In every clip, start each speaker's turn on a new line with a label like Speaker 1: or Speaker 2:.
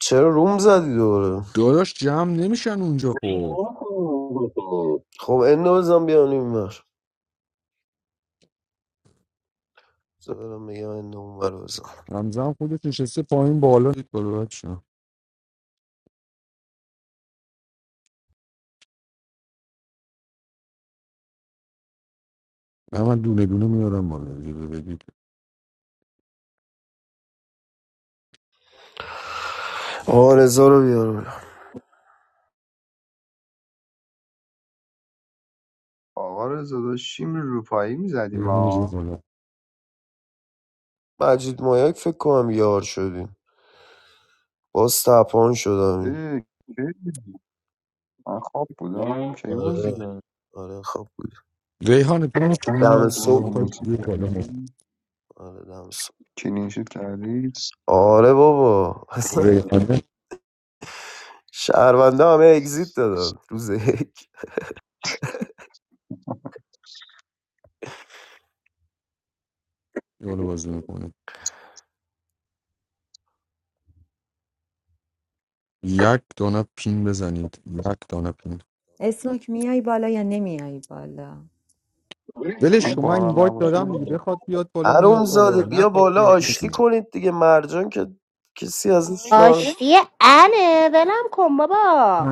Speaker 1: چرا روم زدی دوباره
Speaker 2: داداش جمع نمیشن اونجا خب
Speaker 1: خب اندو بزن بیان این بر برم بگم اندو اون بر بزن
Speaker 2: همزن خودت نشسته پایین بالا دید بالا بچه من دونه دونه میارم بالا اجازه بدید
Speaker 1: آقا رزا رو بیار بزن
Speaker 3: آقا رضا داشتیم روپایی میزدیم
Speaker 2: ریحانه بیا
Speaker 3: ها
Speaker 2: بالا
Speaker 1: مجید مایک فکر کنم یار شدیم باز تپان شدم این.
Speaker 3: اه، کی من خواب بودم کی بازی
Speaker 1: آره
Speaker 3: کرد
Speaker 1: آره خب بود
Speaker 2: ریحانه تو میشینی
Speaker 1: دم
Speaker 2: یا یا
Speaker 1: صبح
Speaker 2: میخوای
Speaker 1: بود
Speaker 3: کلینشیت
Speaker 2: بیا بالا ما
Speaker 3: کردی
Speaker 1: آره دم صبح
Speaker 3: کلینشیت کردی
Speaker 1: آره بابا اصلا
Speaker 2: ریحانه بیا
Speaker 1: شهرونده همه اگزیت دادن روز یک
Speaker 2: بالا بازی میکنه یک دانه پین بزنید یک دانه پین
Speaker 4: اسنوک میای بالا یا نمیای بالا
Speaker 2: ولش
Speaker 3: اون
Speaker 2: کن من این
Speaker 3: باران
Speaker 2: وایت
Speaker 3: نباشه
Speaker 2: دادم دیگه
Speaker 3: نمیاد
Speaker 2: بخواد بیاد بالا
Speaker 1: عروم
Speaker 2: میاد
Speaker 1: زاده
Speaker 2: بالا
Speaker 1: بیا
Speaker 2: نخواد
Speaker 1: بالا
Speaker 2: بیاد
Speaker 1: آشتی
Speaker 2: میاد
Speaker 1: کنید دیگه مرجان که کسی ازش ناراحت
Speaker 5: آشتی انه ولم کن بابا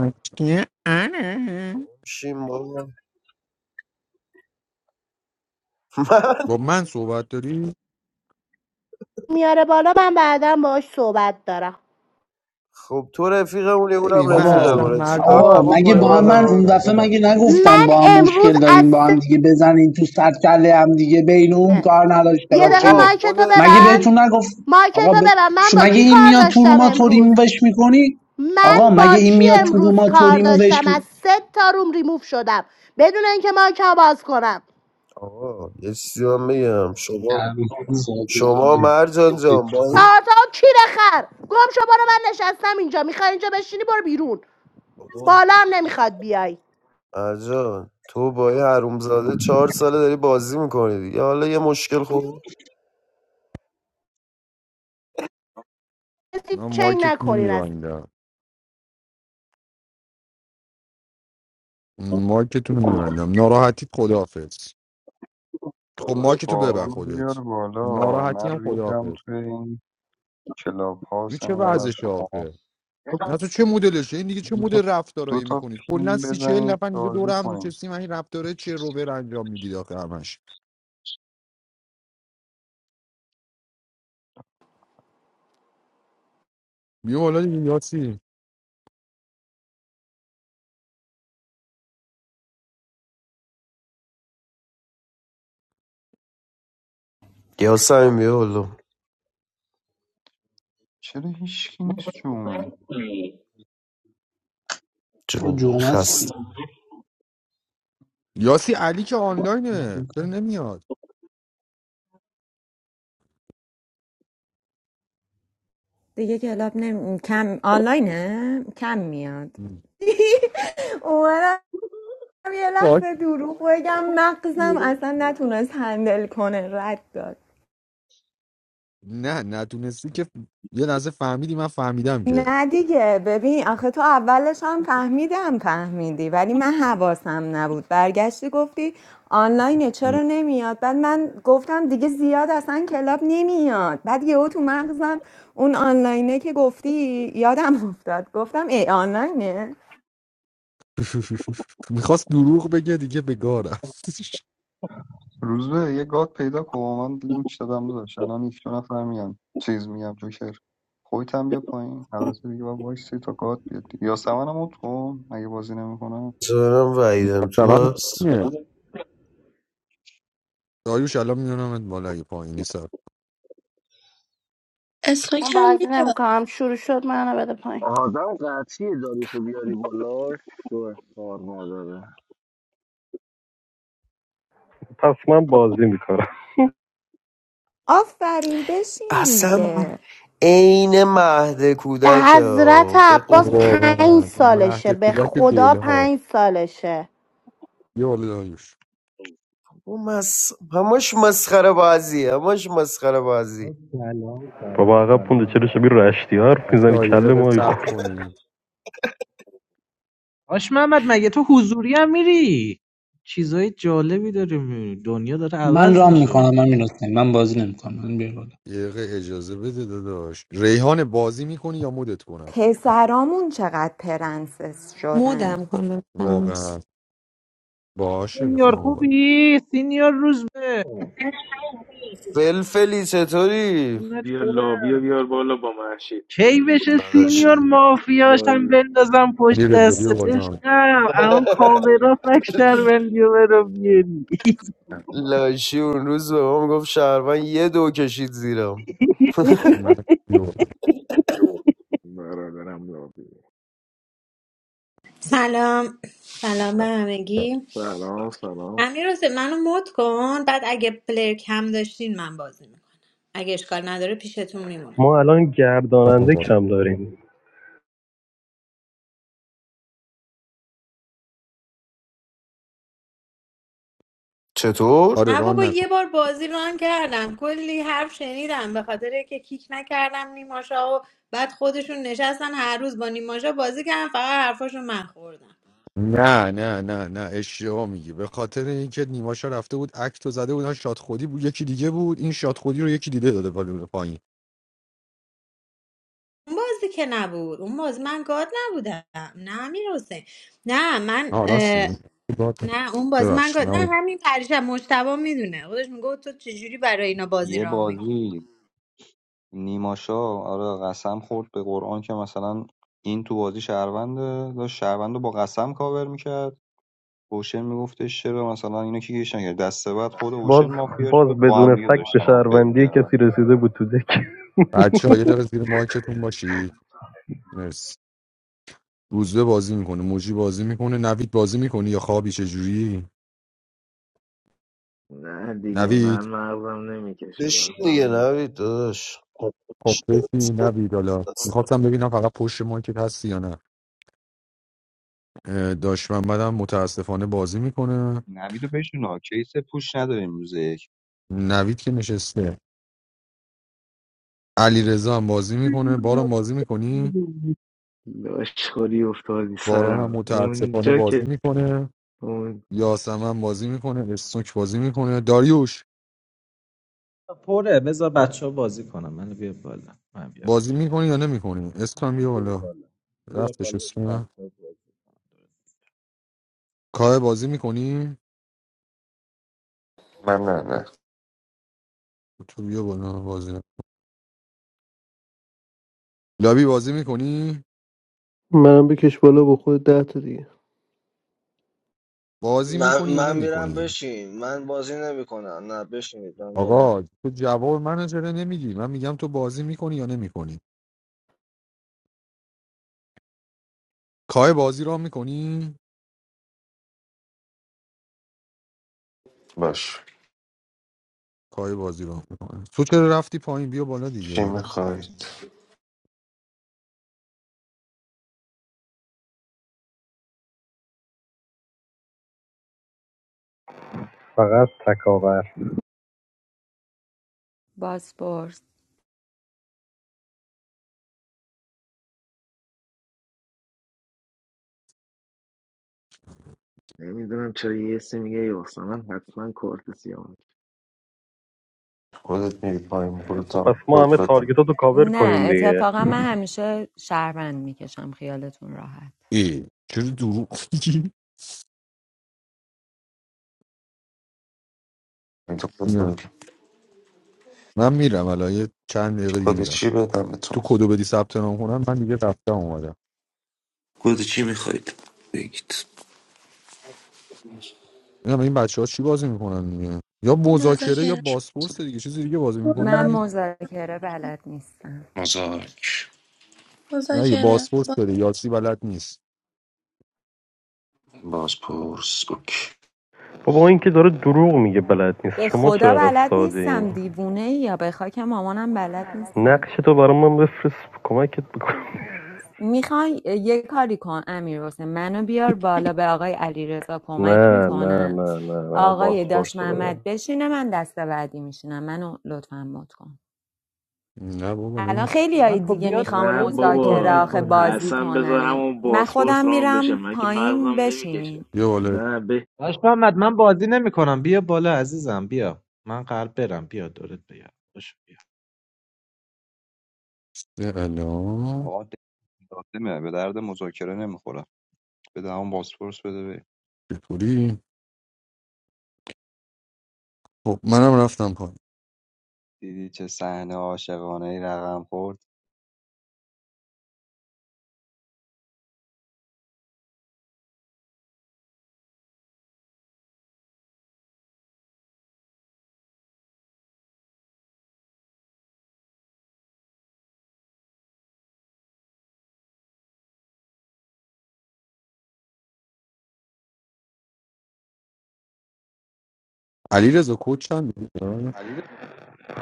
Speaker 1: شیم بابا
Speaker 2: با من صحبت داری؟
Speaker 5: میاره بالا من بعدا باهاش صحبت دارم
Speaker 1: خب تو رفیقمونی اونم
Speaker 2: ببین من
Speaker 6: بابا
Speaker 2: اصلا
Speaker 1: رفیقمونه چیکار
Speaker 2: مرجان تو
Speaker 6: آقا
Speaker 1: باید
Speaker 2: این
Speaker 6: مگه
Speaker 1: بکنیم
Speaker 6: با هم
Speaker 2: بازار
Speaker 6: من اون
Speaker 1: الان
Speaker 2: نیستم
Speaker 6: دفعه
Speaker 2: ولم
Speaker 6: مگه
Speaker 2: کن
Speaker 6: نگفتم
Speaker 5: من
Speaker 6: با هم
Speaker 5: امروز
Speaker 6: مشکل
Speaker 5: از
Speaker 6: دارین با هم
Speaker 5: سه
Speaker 6: دیگه بزنین تو سر کله هم دیگه بین اون کار نداشته
Speaker 5: یه دقیقه
Speaker 1: شما
Speaker 6: باشین
Speaker 5: مایکتو
Speaker 1: خودت
Speaker 6: مگه
Speaker 5: ببند
Speaker 6: بهتون نگفت آقا
Speaker 5: مایکتو
Speaker 6: ب...
Speaker 5: ببند من
Speaker 6: شو
Speaker 5: با
Speaker 6: مگه
Speaker 5: کی
Speaker 6: این
Speaker 5: کار
Speaker 6: میاد تو رو
Speaker 5: داشتم امروز
Speaker 6: توریمو وش میکنی
Speaker 5: من
Speaker 6: آقا مگه
Speaker 5: با
Speaker 6: این
Speaker 5: کی
Speaker 6: میاد تو رو
Speaker 5: امروز کار
Speaker 6: توریمو وش
Speaker 5: داشتم از
Speaker 6: می-
Speaker 5: سه تا روم ریموف شدم بدون اینکه مایکمو باز کنم
Speaker 1: آقا یه چیزی من بگم شما
Speaker 6: در زاده
Speaker 1: شما مرجان جان با
Speaker 6: شکار
Speaker 1: این
Speaker 5: آتا کی خر گم شو برو من نشستم اینجا میخوای اینجا بشینی برو بیرون
Speaker 1: آقا،
Speaker 5: بالا هم نمیخواد بیای
Speaker 1: مرجان تو با این حرومزاده چهار ساله داری بازی میکنی دیگه حالا یه مشکل خوب
Speaker 5: کسی
Speaker 2: من
Speaker 5: چنگ
Speaker 2: مایکتون رو
Speaker 5: نکنین از
Speaker 2: میبندم مایکتون رو میبندم ناراحتی خداحافظ خب
Speaker 3: داداش
Speaker 2: مایکتو
Speaker 3: باران
Speaker 2: ببند
Speaker 3: رو بیار
Speaker 2: خودت
Speaker 3: بالا
Speaker 2: ناراحتی هم
Speaker 3: من ریدم
Speaker 2: خداحافظ
Speaker 3: توی این کلاب
Speaker 2: این
Speaker 3: هاوس
Speaker 2: چه
Speaker 3: انقدر
Speaker 2: وضعشه
Speaker 3: شما
Speaker 2: آخه نه تو چه مدلشه این دیگه چه
Speaker 3: دو تا
Speaker 2: مدل
Speaker 3: دو
Speaker 2: رفتارایی
Speaker 3: تا
Speaker 2: میکنید کلا
Speaker 3: پین
Speaker 2: سی چهل
Speaker 3: بزنید
Speaker 2: نفر اینجا دور
Speaker 3: بازی
Speaker 2: هم
Speaker 3: کنیم
Speaker 2: نشستیم این رفتاره چه روبر انجام میدید آخه همش بیا بالا دیگه یاسی
Speaker 1: یا سمیم بیا بالا
Speaker 3: چرا هیچکی نیست جومه
Speaker 6: آقا
Speaker 1: جامعه
Speaker 6: جمعه هستی
Speaker 1: خسته
Speaker 2: یاسی علی که آنلاینه چرا نمیاد
Speaker 4: دیگه کلاب نم کم آنلاینه کم میاد اومدم یه
Speaker 2: باش.
Speaker 4: لحظه دروغ بگم مغزم اصلا نتونست هندل کنه رد داد
Speaker 2: نه ندونستی که یه لحظه فهمیدی من فهمیدم که
Speaker 4: نه دیگه ببین آخه تو اولش هم فهمیدم فهمیدی ولی من حواسم نبود برگشتی گفتی آنلاینه چرا نمیاد بعد من گفتم دیگه زیاد اصلا کلاب نمیاد بعد یهو تو مغزم اون آنلاینه که گفتی یادم افتاد گفتم ای آنلاینه
Speaker 2: میخواست دروغ بگه دیگه به گاه رفت
Speaker 3: روز به یه گاد پیدا کن من لینک دادم داشت الان هیچ دو نفر میان چیز میگم جوکر خودت هم بیا پایین البته دیگه باید وایسی تا گاد بیاد یا سمنم اوت کن اگه بازی نمیکنم
Speaker 1: جانم وعیدم تو
Speaker 2: واقعا
Speaker 1: هست
Speaker 2: اینه. داریوش الان میانم بالا اگه پایینی سر
Speaker 5: من
Speaker 7: استوکم
Speaker 5: بازی
Speaker 7: میاد
Speaker 5: نمیکنم شروع شد منو بده پایین
Speaker 8: آدم قطعی داریشو بیاری بالا شو کار نداره
Speaker 9: پس من بازی میکنم
Speaker 4: آفرین بشین
Speaker 1: اصلا
Speaker 4: دیگه
Speaker 1: عین مهد
Speaker 5: به
Speaker 1: کودک
Speaker 5: حضرت
Speaker 1: ها به
Speaker 5: عباس
Speaker 1: قول
Speaker 5: پنج
Speaker 2: واقعا مهد
Speaker 5: سالشه به
Speaker 2: کودک
Speaker 5: خدا
Speaker 2: گله ها
Speaker 5: پنج سالشه
Speaker 2: یه بالا داریوش
Speaker 1: او مس... همش مسخره بازی همش مسخره بازی
Speaker 10: آه، سلام
Speaker 9: بابا
Speaker 10: سلام
Speaker 9: عقب پونده چرا
Speaker 10: سلام
Speaker 9: شبیه رشتی حرف
Speaker 2: بچه
Speaker 9: میزنی
Speaker 2: ها یه
Speaker 9: کله
Speaker 2: دقیقه
Speaker 9: ماهی
Speaker 2: صبر
Speaker 9: خور
Speaker 2: کنید
Speaker 10: آش محمد مگه تو حضوری هم میری چیزای جالبی داره میبینی دنیا داره
Speaker 6: من
Speaker 10: عوض
Speaker 6: رام
Speaker 10: میشه
Speaker 6: میکنم من میرسنم من بازی نمیکنم من بیرون
Speaker 2: یه دقیقه اجازه بده داداش ریحان بازی میکنی یا مدت کنم
Speaker 4: پسرامون چقدر پرنسس
Speaker 11: More
Speaker 4: شدن
Speaker 11: than one of them.
Speaker 2: واقعا
Speaker 10: آقا
Speaker 2: باشه
Speaker 10: سینیور
Speaker 2: بفهم بالا
Speaker 10: خوبی سینیور روز به
Speaker 1: فلفلی چطوری
Speaker 10: قربونت
Speaker 12: بیا
Speaker 10: برم.
Speaker 12: لاوی رو بیار بالا با محشید
Speaker 10: کی بشه سینیور
Speaker 1: نداشتم
Speaker 10: مافیاش هم
Speaker 12: لاوی
Speaker 10: بندازم پشت
Speaker 2: علی رضا بیا
Speaker 10: دستت
Speaker 2: بالا
Speaker 10: عشقم الان کاورا فک شهروندی رو برو بیاری
Speaker 1: لاشی اون روز به ما میگفت شهروند یه دو کشید زیرم
Speaker 2: مهد بیا بالا
Speaker 12: برادرم لابی
Speaker 13: سلام سلام به همگی
Speaker 12: سلام سلام
Speaker 13: امیر حسین منو مد کن بعد اگه پلیر کم داشتین من بازی میکنم اگه اشکال نداره پیشتون میمونم
Speaker 9: ما الان
Speaker 2: بفهم
Speaker 9: گرداننده
Speaker 2: بالا.
Speaker 9: کم داریم
Speaker 1: چطور
Speaker 2: آره
Speaker 13: نه
Speaker 2: ران
Speaker 13: بابا یه بار بازی ران کردم کلی حرف شنیدم به خاطر که کیک نکردم نیماشا و بعد خودشون نشستن هر روز با نیماشا بازی کردم فقط حرفاشو من خوردم
Speaker 2: نه نه نه نه اشتباه میگی به خاطر اینکه نیماشا رفته بود اکتو زده بودن شاد خودی بود یکی دیگه بود این شاد خودی رو یکی دیده داده بالا پایین
Speaker 13: اون بازی که نبود اون بازی من گاد نبودم نه امیر حسین نه
Speaker 2: آ راست
Speaker 13: من
Speaker 2: میگی
Speaker 13: نه اون باز من
Speaker 2: ببخشید
Speaker 13: گفت- نه
Speaker 2: نه
Speaker 13: همین پریشب مشتبه میدونه خودش میگه تو چجوری برای اینا بازی
Speaker 3: یه
Speaker 13: راه میکنی.
Speaker 3: بازی نیماشا آره قسم خورد به قرآن که مثلا این تو بازی شهرونده داشت شهروند رو با قسم کاور میکرد اوشن میگفتش چرا مثلا اینو کی گیش نکرد دسته بعد خود اوشن
Speaker 9: باز
Speaker 3: مافیا شد
Speaker 9: باز
Speaker 3: با هم
Speaker 9: بدون
Speaker 3: دیگه
Speaker 9: فکت به
Speaker 3: داشتن آنفر
Speaker 9: شهروندی
Speaker 3: میکردن
Speaker 9: کسی رسیده بود تو دک
Speaker 2: بچه‌ها یه دقیقه زیر مایکتون باشید مرسی روزبه بازی میکنه موجی بازی میکنه نوید بازی میکنه یا خوابی چه جوری
Speaker 12: نه دیگه من
Speaker 2: نوید
Speaker 12: مغزم نمیکشه
Speaker 1: بشین دیگه
Speaker 12: من
Speaker 1: نوید داداش
Speaker 2: خب بشی نوید حالا میخواستم ببینم فقط پشت مایکت هستی یا نه اه، داش محمد هم متاسفانه بازی میکنه
Speaker 3: نویدو بشون ها کیس پوش نداریم روز یک
Speaker 2: نوید که نشسته علی رضا هم بازی میکنه باران بازی میکنی
Speaker 12: لاشخوری افتادی
Speaker 2: باران هم
Speaker 12: سرم
Speaker 2: متاسفانه
Speaker 12: اونجا
Speaker 2: بازی
Speaker 12: که
Speaker 2: میکنه
Speaker 12: اون
Speaker 2: یاسم هم بازی میکنه استوک بازی میکنه داریوش
Speaker 10: پره بذار بچه ها بازی کنم من بیا بالا من بیا بالا
Speaker 2: بازی میکنی یا نمیکنی
Speaker 10: نه
Speaker 2: اسکان
Speaker 10: نه
Speaker 2: بیا
Speaker 10: بیا
Speaker 2: بالا
Speaker 10: بالا بیا
Speaker 2: رفتش
Speaker 10: بالا
Speaker 2: اسکان
Speaker 10: بچه ها بازی کنم
Speaker 2: کاه بازی میکنی
Speaker 14: من نه نه
Speaker 2: تو بیا بالا بازی نه. لابی بازی میکنی
Speaker 15: منم بکش بالا با خود ده تا دیگه
Speaker 2: بازی
Speaker 8: من
Speaker 2: میکنی یا
Speaker 8: من میرم
Speaker 2: نمیکنی
Speaker 8: بشین من بازی نمیکنم نه بشینید من بازی
Speaker 2: آقا
Speaker 8: نمی‌کنم.
Speaker 2: تو جواب منو چرا نمیگی من میگم تو بازی میکنی یا نمیکنی کاه بازی را میکنی
Speaker 14: باش
Speaker 2: کاه بازی را میکنه تو چرا رفتی پایین بیا بالا
Speaker 14: چی
Speaker 2: دیگه
Speaker 14: میخواید
Speaker 9: فقط تکاور
Speaker 4: باسپورس
Speaker 12: نمیدونم چرا یه سی میگه یاسم من حتما کارت سیام
Speaker 14: خودت میری پایین خودت
Speaker 9: خب پس ما
Speaker 14: خود
Speaker 9: همه
Speaker 14: بدم
Speaker 9: تارگتاتو تو کاور
Speaker 4: نه
Speaker 9: کنیم دیگه
Speaker 4: اتفاقا من همیشه شهروند میکشم خیالتون راحت
Speaker 2: ای چرا دروغ میگی
Speaker 14: من تو خود رو
Speaker 2: نه
Speaker 14: بدم
Speaker 2: من میرم الان یه چند دقیقه دیگه
Speaker 14: خود
Speaker 2: میرم
Speaker 14: چی بدم
Speaker 2: تو
Speaker 14: بهتون
Speaker 2: کدو بدی ثبت نام کنم من دیگه رفتم اومدم
Speaker 14: خود چی میخواید بگید
Speaker 2: اینم این بچه ها چی بازی میکنن دیگه یا مذاکره یا
Speaker 7: مذاکره
Speaker 2: باسپورس دیگه چیزی دیگه بازی
Speaker 4: من
Speaker 2: میکنی
Speaker 4: مذاکره
Speaker 7: مذاکره
Speaker 4: بلد نیستم
Speaker 14: مزاک
Speaker 2: نه یه
Speaker 7: مذاکره
Speaker 2: باسپورس
Speaker 7: با
Speaker 2: داره یاسی بلد نیست
Speaker 14: بازپرس اوکی
Speaker 9: بابا این که داره دروغ میگه بلد نیست
Speaker 4: به
Speaker 9: شما چرا
Speaker 4: خدا
Speaker 9: انقدر
Speaker 4: بلد
Speaker 9: ساده این
Speaker 4: نیستم دیوونه یا به خاک مامانم بلد نیستم
Speaker 9: نقش تو برای من بفرست کمکت بکنم
Speaker 4: میخوای یه کاری کن امیر حسین منو بیار بالا به آقای علیرضا کمک
Speaker 9: نه نه
Speaker 4: میکنم
Speaker 9: نه نه نه
Speaker 4: آقای داش
Speaker 9: بازپرسو بده
Speaker 4: محمد بشینه من دست بعدی میشینم منو لطفا مد کن
Speaker 2: نه بابا
Speaker 4: الان
Speaker 2: نمیخوام
Speaker 4: خیلی های
Speaker 10: احمد خب
Speaker 4: دیگه
Speaker 10: بیاد
Speaker 4: میخوام
Speaker 12: نه
Speaker 10: بالا میخواد
Speaker 4: مذاکره
Speaker 12: بابا
Speaker 10: بازی
Speaker 4: آخه بازی
Speaker 12: اصلا
Speaker 10: کنی
Speaker 12: بذار
Speaker 4: کنن
Speaker 12: همون
Speaker 4: من خودم
Speaker 12: باسپورس رام بشه
Speaker 4: میرم
Speaker 12: من که
Speaker 4: پایین
Speaker 12: مغزم
Speaker 4: بشینین
Speaker 12: نمیکشه
Speaker 2: یه والد
Speaker 12: نه به
Speaker 10: باش محمد من بازی نمیکنم بیا بالا عزیزم بیا من قلب برم بیا دورت بیا باش بیا
Speaker 2: الان
Speaker 3: آقا لازمه به درد مذاکره نمیخوره بده همون باسپورس بده بریم
Speaker 2: چطوری خب منم رفتم پایین
Speaker 3: دیدی چه صحنه عاشقانه ای رقم خورد
Speaker 2: علیرضا رضا کد چند بود؟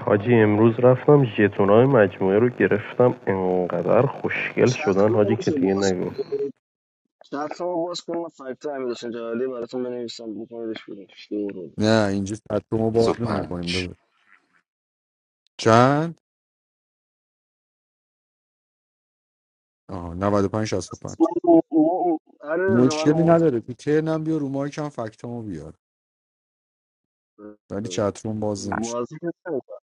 Speaker 9: حاجی امروز رفتم ژتونای مجموعه رو گرفتم انقدر خوشگل
Speaker 8: چت
Speaker 9: شدن
Speaker 8: رو
Speaker 9: حاجی که
Speaker 8: میشه
Speaker 9: دیگه
Speaker 8: باز
Speaker 9: نگو
Speaker 8: کنید چت رو باز کنید من فکت امیر حسین جلالی براتون بنویسم بکنیدش بیرون شروع
Speaker 2: نه اینجا ما باز
Speaker 14: سو
Speaker 2: نمیکنیم
Speaker 14: پنج
Speaker 2: داده چند آها 95 پنج شصت و پنج.
Speaker 8: اصلا ما- ما- هر روز من
Speaker 2: مشکلی
Speaker 8: رو مت
Speaker 2: نداره
Speaker 8: کن
Speaker 2: تو ترنم بیا رو مایک هم فکتامو بیار ولی چترون باز نمیشه
Speaker 8: بازی که نمی‌کنم.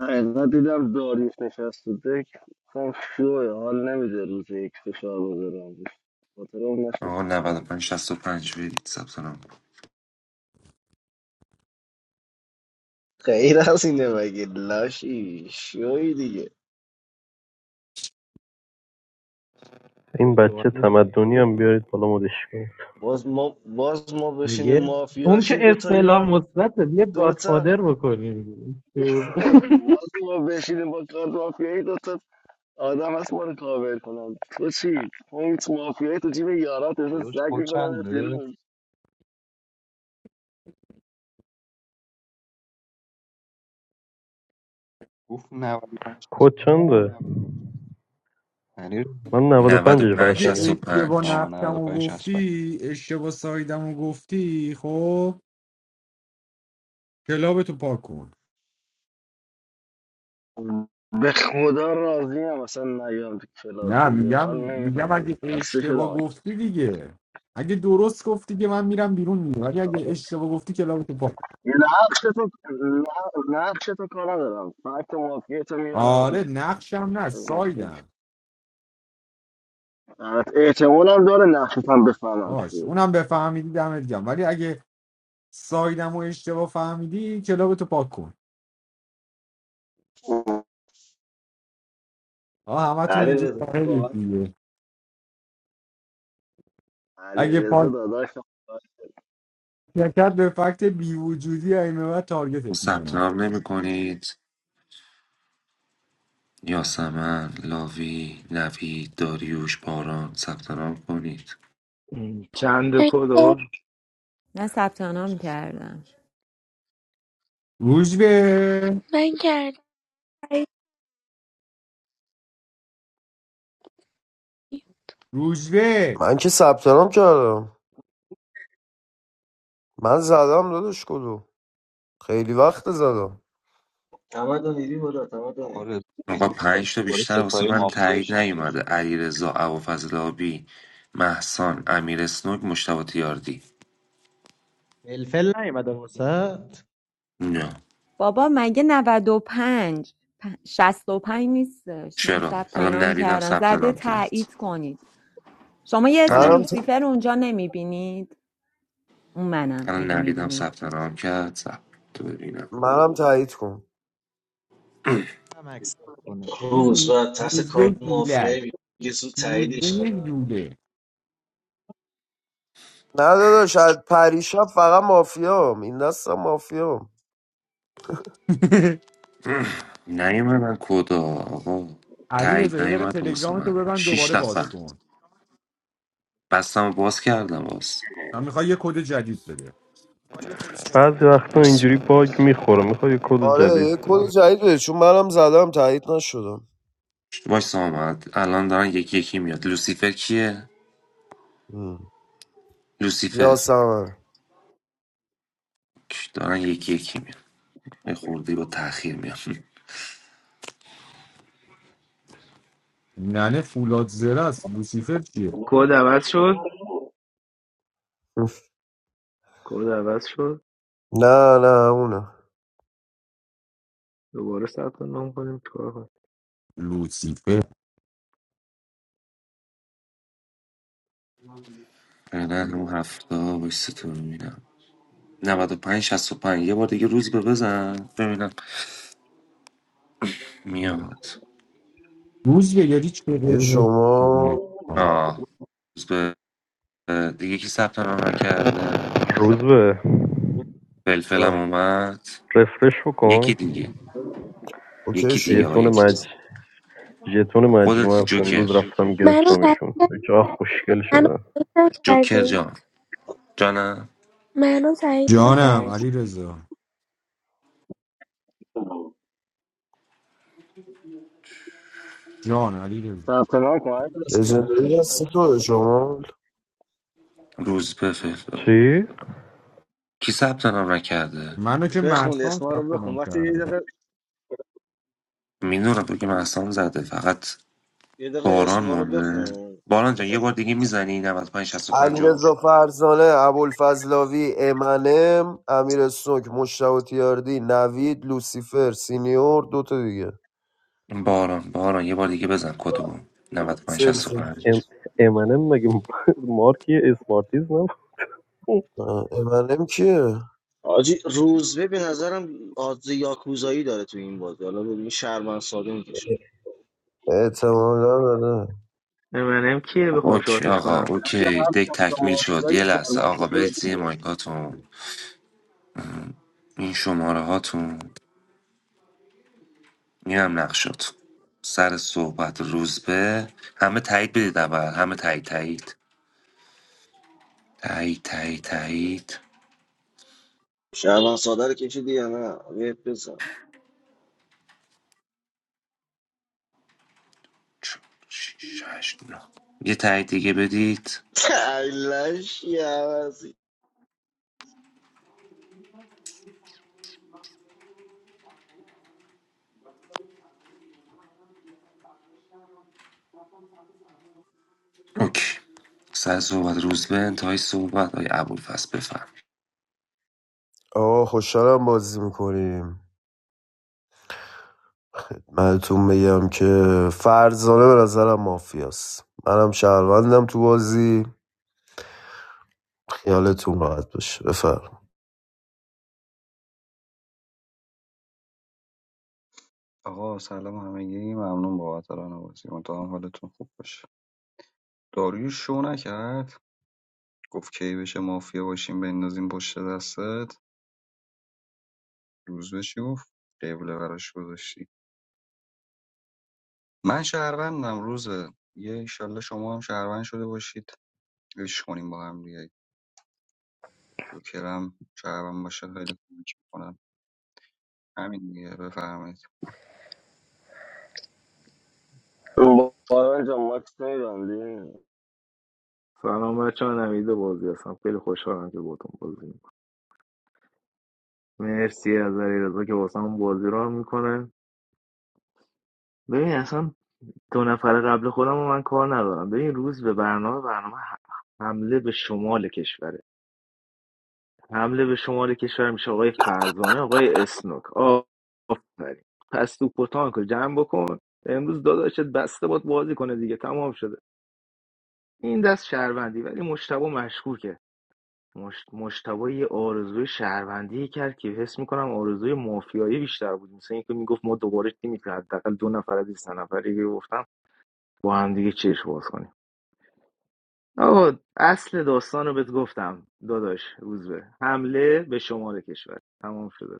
Speaker 8: حقیقت دیدم داریش نشست تو دک گفتم شوه حال نمیده روز یک فشار بذارم روش. خاطر اون
Speaker 14: آقا 95 65 برید ثبت نام کن.
Speaker 8: غیر از اینه مگه لاشی شوی دیگه
Speaker 9: این
Speaker 10: یک بابا
Speaker 9: بچه تمدنی
Speaker 10: نشسته.
Speaker 9: هم بیارید بالا مدش کنید
Speaker 8: باز ما باز ما بشینیم
Speaker 10: میگه اون که
Speaker 8: مافیاشیم دوتا
Speaker 10: اصطلاح
Speaker 8: یار
Speaker 10: مثبته بیا
Speaker 8: دوتا
Speaker 10: گادفادر بکنیم
Speaker 8: باز ما بشینیم با کارت مافیایی دوتا آدم هست ما رو کاور کنن تو چی؟ پوینت مافیایی تو جیب یارات مثل
Speaker 3: داداش
Speaker 8: سگ
Speaker 3: خود
Speaker 8: میکنن
Speaker 3: چنده
Speaker 8: بیرون
Speaker 3: گفت 95 پنج شصت
Speaker 9: کد
Speaker 3: و پنج.
Speaker 9: چنده
Speaker 3: یعنی
Speaker 9: من 95 پنجش
Speaker 14: 95
Speaker 9: فقط
Speaker 2: یه
Speaker 9: شنیدم
Speaker 2: اشتباه
Speaker 14: 65
Speaker 3: آها
Speaker 2: نقشمو
Speaker 3: 95 65
Speaker 2: گفتی اشتباه سایدمو گفتی خب کلابتو پاک کن
Speaker 8: به خدا راضی هم اصلا نیام تو کلاب
Speaker 2: نه
Speaker 8: دیگه
Speaker 2: میگم
Speaker 8: حال
Speaker 2: میگم
Speaker 8: نمیکنم
Speaker 2: اگه
Speaker 8: خسته شدم
Speaker 2: اشتباه
Speaker 8: آجی.
Speaker 2: گفتی دیگه اگه درست گفتی که من میرم بیرون میگم ولی اگه اشتباه گفتی کلابتو پاک کن.
Speaker 8: یه نقش تو نقش تو کار ندارم فکت مافیایی تو
Speaker 2: آره
Speaker 8: میارم
Speaker 2: نقشم نه سایدم
Speaker 8: احتمال هم داره نقشت هم بفهمم
Speaker 2: باش
Speaker 8: چیه
Speaker 2: اونم بفهمیدی دمت گم ولی اگه سایدمو اشتباه فهمیدی کلابتو پاک کن آه همتون
Speaker 8: علی
Speaker 2: اینجا
Speaker 8: رضا
Speaker 2: ساحلید دیگه اگه
Speaker 8: علیرضا
Speaker 2: پاک
Speaker 8: داداش
Speaker 2: نکرد به فکت بی وجودی این بعد تارگتت
Speaker 14: ثبت
Speaker 2: میکنم
Speaker 14: نام نمی کنید یاسمن لاوی نوید داریوش باران ثبت نام کنید
Speaker 12: چند کد آقا؟
Speaker 4: من ثبت نام کردم
Speaker 2: روزبه
Speaker 7: من کردم
Speaker 2: روزبه
Speaker 1: من که ثبت نام کردم من زدم داداش کدو خیلی وقت زدم
Speaker 8: تمدنی بی بودا
Speaker 3: آقا
Speaker 8: تمدنی
Speaker 3: رضا
Speaker 14: آقا
Speaker 3: امیدوارم که
Speaker 14: پنج تا
Speaker 3: دوباره
Speaker 14: بیشتر واسه
Speaker 3: ستای
Speaker 14: من
Speaker 3: مافیا
Speaker 14: تایید
Speaker 3: شی
Speaker 14: نیومده علیرضا ابوالفضل آبی محسان امیر اسنوک مشتبه تیاردی
Speaker 10: فلفل نیومده وسط
Speaker 14: نه
Speaker 4: بابا مگه 95 پ- 65 نیستش من
Speaker 14: چرا
Speaker 4: ثبت
Speaker 14: الان
Speaker 4: نام
Speaker 14: نویدم
Speaker 4: کردم
Speaker 14: ثبت
Speaker 4: زده
Speaker 14: نام کرد
Speaker 4: تایید کنید شما یه اسم
Speaker 1: منم ت...
Speaker 14: الان
Speaker 4: لوسیفر اونجا نمیبینید اون منم
Speaker 14: الان
Speaker 4: اگه
Speaker 14: نویدم
Speaker 4: میبینید
Speaker 14: ثبت نام کرد ثبت تو ببینم
Speaker 1: منم تایید کن
Speaker 10: هم اکسپت کنه
Speaker 2: این
Speaker 8: روز
Speaker 2: رو-
Speaker 8: و ترس
Speaker 2: روزبه
Speaker 8: کارت
Speaker 2: جولک
Speaker 8: مافیایی میگه زود
Speaker 2: روزبه
Speaker 8: تاییدش
Speaker 2: یه
Speaker 8: کنم
Speaker 2: جوله
Speaker 1: نه داداش از پریشب فقط مافیام این دستم مافیام
Speaker 14: نیومدن کدا آقا
Speaker 2: علی رضا
Speaker 14: تایید
Speaker 2: یه دقیقه
Speaker 14: نیومده واسه
Speaker 2: تلگرام تو
Speaker 14: من
Speaker 2: ببند دوباره
Speaker 14: شیش
Speaker 2: باز
Speaker 14: نفر
Speaker 2: کن
Speaker 14: بستم و باز کردم باز
Speaker 2: من میخوای یه کد جدید بده
Speaker 9: بعضی وقتا اینجوری باگ میخوره میخوای کد
Speaker 1: آره
Speaker 9: جدید
Speaker 1: یه کد
Speaker 9: بدی.
Speaker 1: جدید بده چون منم زدم تایید نشدم
Speaker 14: باش سامد الان دارن یکی یکی میاد لوسیفر کیه
Speaker 1: ام. یا
Speaker 14: لوسیفر
Speaker 1: سمر
Speaker 14: دارن یکی یکی میاد یه خورده با تاخیر میام
Speaker 2: ننه فولاد زرست لوسیفر چیه
Speaker 12: کد عوض شد کد عوض شد
Speaker 1: نه نه اونه
Speaker 12: دوباره ثبت نام کنیم چیکار کنیم
Speaker 2: لوسیفر
Speaker 14: نه اون هفته باش تو میبینم 95 پنج شصت و پنج یه بار دیگه روز به بزن ببینم میاد
Speaker 2: روزبه یعنی چه
Speaker 1: یه
Speaker 2: قرمز
Speaker 1: شما
Speaker 14: آه روز به دیگه کی ثبت نام نکرده
Speaker 9: روز به
Speaker 14: فلفلم
Speaker 1: جا.
Speaker 14: اومد
Speaker 9: رفرش
Speaker 14: یکی
Speaker 9: بکن
Speaker 14: دیگه
Speaker 1: اوکی
Speaker 14: یکی دیگه
Speaker 1: شد
Speaker 14: ها
Speaker 9: ژتون
Speaker 14: یکی دیگه.
Speaker 9: مج ژتون
Speaker 14: خودت
Speaker 9: مجموعه
Speaker 14: جوکر
Speaker 9: امروز رفتم
Speaker 7: منو تایید
Speaker 9: گرفتمشون
Speaker 7: کرد-
Speaker 9: چقدر خوشگل
Speaker 7: منو
Speaker 9: شدن
Speaker 7: تایید
Speaker 14: جوکر
Speaker 7: نکردی
Speaker 14: جان جانم
Speaker 7: منو تایید
Speaker 2: جانم
Speaker 7: نکرد
Speaker 2: علی رضا جان علی رضا
Speaker 8: ثبت نام کن علیرضا.
Speaker 1: لژندری هستی تو شما
Speaker 14: روز به فلفل
Speaker 9: چی
Speaker 14: کی ثبت نام نکرده
Speaker 2: منو که
Speaker 8: بخون
Speaker 2: محسان
Speaker 8: اسما رو
Speaker 2: ثبت
Speaker 8: بخون
Speaker 2: نام
Speaker 8: وقتی یه
Speaker 2: کرده
Speaker 8: دقیقه
Speaker 14: میدونم تو که مستان زده فقط
Speaker 8: یه دقیقه
Speaker 14: باران
Speaker 8: اسما رو
Speaker 14: مونده
Speaker 8: بخون
Speaker 14: باران جان یه بار دیگه میزنی 95 65
Speaker 1: علیرضا فرزانه ابوالفضلاوی امنم امیر سوک مشتاق تیاردی نوید لوسیفر سینیور دوتا دیگه
Speaker 14: باران باران یه بار دیگه بزن کدو 95
Speaker 1: فلفل
Speaker 9: ام...
Speaker 14: 65
Speaker 9: امنم مگه مارکی اسمارتیز نه
Speaker 1: آه، امنم کیه
Speaker 8: آجی روزبه به نظرم آدز یاکوزایی داره تو این بازی حالا ببین شرمن ساده میکشه
Speaker 1: اعتمالا نه.
Speaker 12: امنم کیه
Speaker 14: خب
Speaker 12: بخوام
Speaker 14: اوکی
Speaker 12: شاتش
Speaker 14: آقا
Speaker 12: کنم
Speaker 14: اوکی
Speaker 8: هر
Speaker 14: دک
Speaker 8: چند تا
Speaker 14: تکمیل شد
Speaker 8: مافیای
Speaker 14: یه لحظه
Speaker 8: شهروند
Speaker 14: آقا
Speaker 8: ساده رو
Speaker 14: برید زیر
Speaker 8: بده
Speaker 14: مایکاتون این شماره هاتون این هم نقشات سر صحبت روزبه همه تایید بدید اول همه تایید تایید تایید تایید تایید
Speaker 8: شرمن ساده رو کشیدی یا نه یه بزن
Speaker 14: چهار، شش، هشت، نه. یه تایید دیگه بدید
Speaker 8: لشی عوضی
Speaker 14: اوکی سر صحبت روزبه انتهای صحبت های ابوالفضل بفرم
Speaker 1: آقا خوشحالم بازی میکنیم منتون بگم که فرزانه به نظرم مافیاست منم شهروندم تو بازی خیالتون راحت باشه بفرم
Speaker 3: آقا سلام همگی ممنون بابت ران بازی امیدوارم حالتون خوب باشه داریوش شو نکرد گفت کی بشه مافیا باشیم بندازیم پشت دستت روز بشی گفت قبله براش گذاشتی من شهروندم روزه یه انشالله شما هم شهروند شده باشید عشق کنیم با هم دیگه جوکرم شهروند باشه خیلی کمک میکنم همین دیگه بفرمایید
Speaker 8: باران جان ماکس نمیبندی
Speaker 12: سلام بچه ها نوید بازی هستم خیلی خوشحالم که باتون بازی میکنم مرسی از علیرضا که واسه هم بازی را میکنه ببین اصلا دو نفر قبل خودم رو من کار ندارم ببین روز به برنامه برنامه حمله به شمال کشوره حمله به شمال کشور میشه آقای فرزانه آقای اسنوک آفرین پس تو پتانک رو جمع بکن امروز داداشت بسته باد بازی کنه دیگه تمام شده این دست شهروندی ولی مشتبه مشکوکه مجتبی یه آرزوی شهروندی کرد که حس میکنم آرزوی مافیایی بیشتر بود مثل اینکه میگفت ما دوباره تیمی که حداقل دو نفر از این نفری که گفتم با هم دیگه چشم باز کنیم آقا اصل داستان رو بهت گفتم داداش روزبه حمله به شمال کشور تمام شده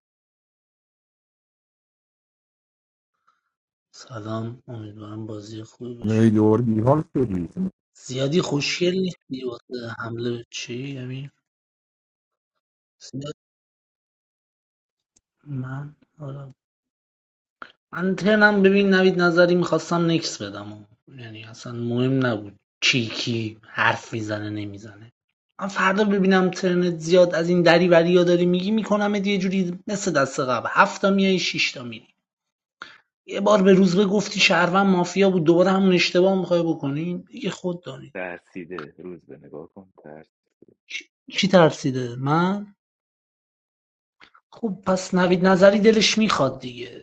Speaker 6: سلام امیدوارم بازی خوبی باشه
Speaker 2: ای دور بیحال شدی
Speaker 6: زیادی خوشگل نیستی واسه حمله چی امیر زیاد من حالا من ترنم ببین نوید نظری میخواستم نکس بدم و. یعنی اصلا مهم نبود چی کی حرف میزنه نمیزنه من فردا ببینم ترنت زیاد از این دری بریا داری میگی میکنم یه جوری مثل دست قبل هفت تا میای شش میری یه بار به روز گفتی شهروند مافیا بود دوباره همون اشتباه میخوای بکنی دیگه خود دانی
Speaker 12: ترسیده روز به نگاه کن ترس
Speaker 6: کی کی ترسیده من خب پس نوید نظری دلش میخواد دیگه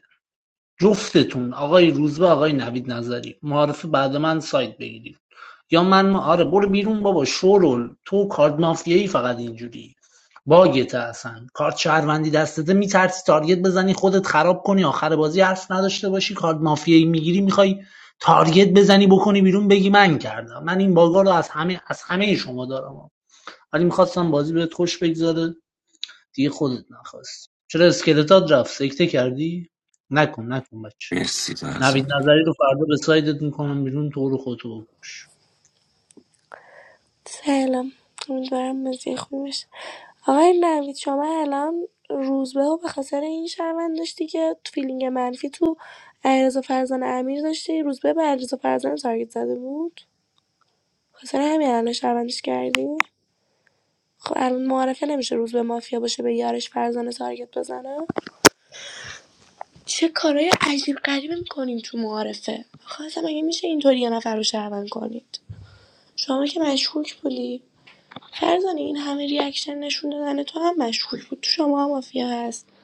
Speaker 6: جفتتون آقای روزبه آقای نوید نظری معارفه بعد من سایت بگیرید یا من آره برو بیرون بابا شورول تو کارت مافیایی فقط اینجوری باگت هستن کارت شهروندی دستته میترسی تارگت بزنی خودت خراب کنی آخر بازی حرف نداشته باشی کارت مافیایی میگیری میخوای تارگت بزنی بکنی بیرون بگی من کردم من این باگا رو از همه از همه شما دارم ولی میخواستم بازی بهت خوش بگذاره دیگه خودت نخواستی چرا اسکلتات رفت سکته کردی نکن نکن بچه
Speaker 14: مرسی
Speaker 6: نوید
Speaker 14: فرزانه
Speaker 6: نظری رو فردا به سایدت میکنم بیرون تو رو خود بکش
Speaker 7: سلام امیدوارم بازی خوب باشه آقای نوید شما الان روزبه و به خاطر این شهروند داشتی که تو فیلینگ منفی تو علیرضا فرزان امیر داشتی روزبه به علیرضا فرزان تارگت زده بود خاطر همین الان شهروندش کردی خب الان معارفه نمیشه روز به مافیا باشه به یارش فرزانه تارگت بزنه چه کارهای عجیب غریبی میکنین تو معارفه آخه اصلا مگه میشه اینطوری یه نفر رو شهروند کنید شما که مشکوک بودی فرزانه این همه ریاکشن نشون دادن تو هم مشکوک بود تو شما هم مافیا هست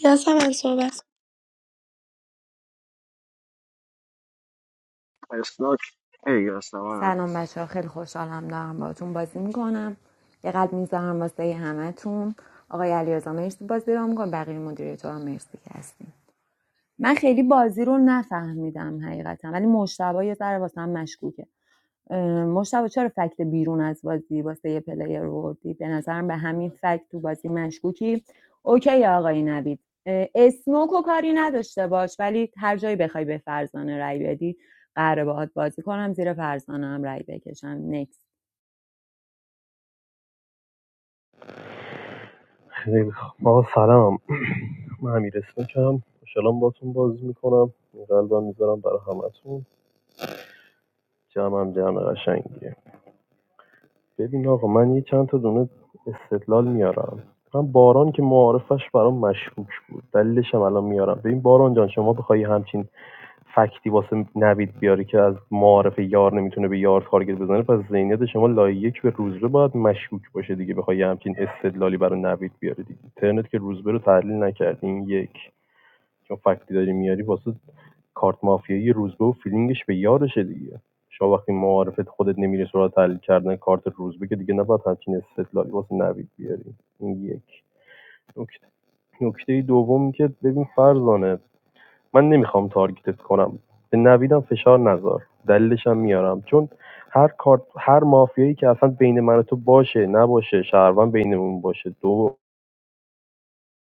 Speaker 7: یا من صحبت
Speaker 8: اسناک ای اصلا من
Speaker 4: سلام بچه خیلی خوشحالم دارم باهاتون بازی میکنم یه قلب میذارم واسه همتون آقای علیرضا مرسی بازی رو میکنم بقیه مدیریتورا مرسی که هستیم من خیلی بازی رو نفهمیدم حقیقتا ولی مشتبه یه ذره واسه مشکوکه مشتبه چرا فکت بیرون از بازی واسه یه پلیر وردی به نظرم به همین فکت تو بازی مشکوکی اوکی آقای نوید اه، اسموک و کاری نداشته باش ولی هر جایی بخوای به فرزانه رای بدی قراره باهات بازی کنم زیر فرزانه هم رای بکشم نکس
Speaker 9: خیلی خ- آقا سلام من امیر اسمکم خوشحالم باتون بازی میکنم قلبم میذارم برای همتون جمعم جمع قشنگیه ببین آقا من یه چند تا دونه استدلال میارم من باران که معارفش برام مشکوک بود دلیلش هم الان میارم ببین باران جان شما بخوای همچین فکتی واسه نوید بیاری که از معارف یار نمیتونه به یار تارگت بزنه پس ذهنیت شما لایه یک به روزبه باید مشکوک باشه دیگه بخوای یه همچین استدلالی برای نوید بیاری دیگه اینترنت که روزبه رو تحلیل نکردی یک چون فکتی داری میاری واسه کارت مافیایی روزبه و فیلینگش به یارشه دیگه شما وقتی معارفت خودت نمیری سراغ تحلیل کردن کارت روزبه که دیگه نباید همچین استدلالی واسه نوید بیاری این یک نکته نکته دوم که ببین فرزانه من نمیخوام تارگتت کنم به نویدم فشار نذار دلیلش هم میارم چون هر کارت هر مافیایی که اصلا بین من و تو باشه نباشه شهروند بینمون باشه دو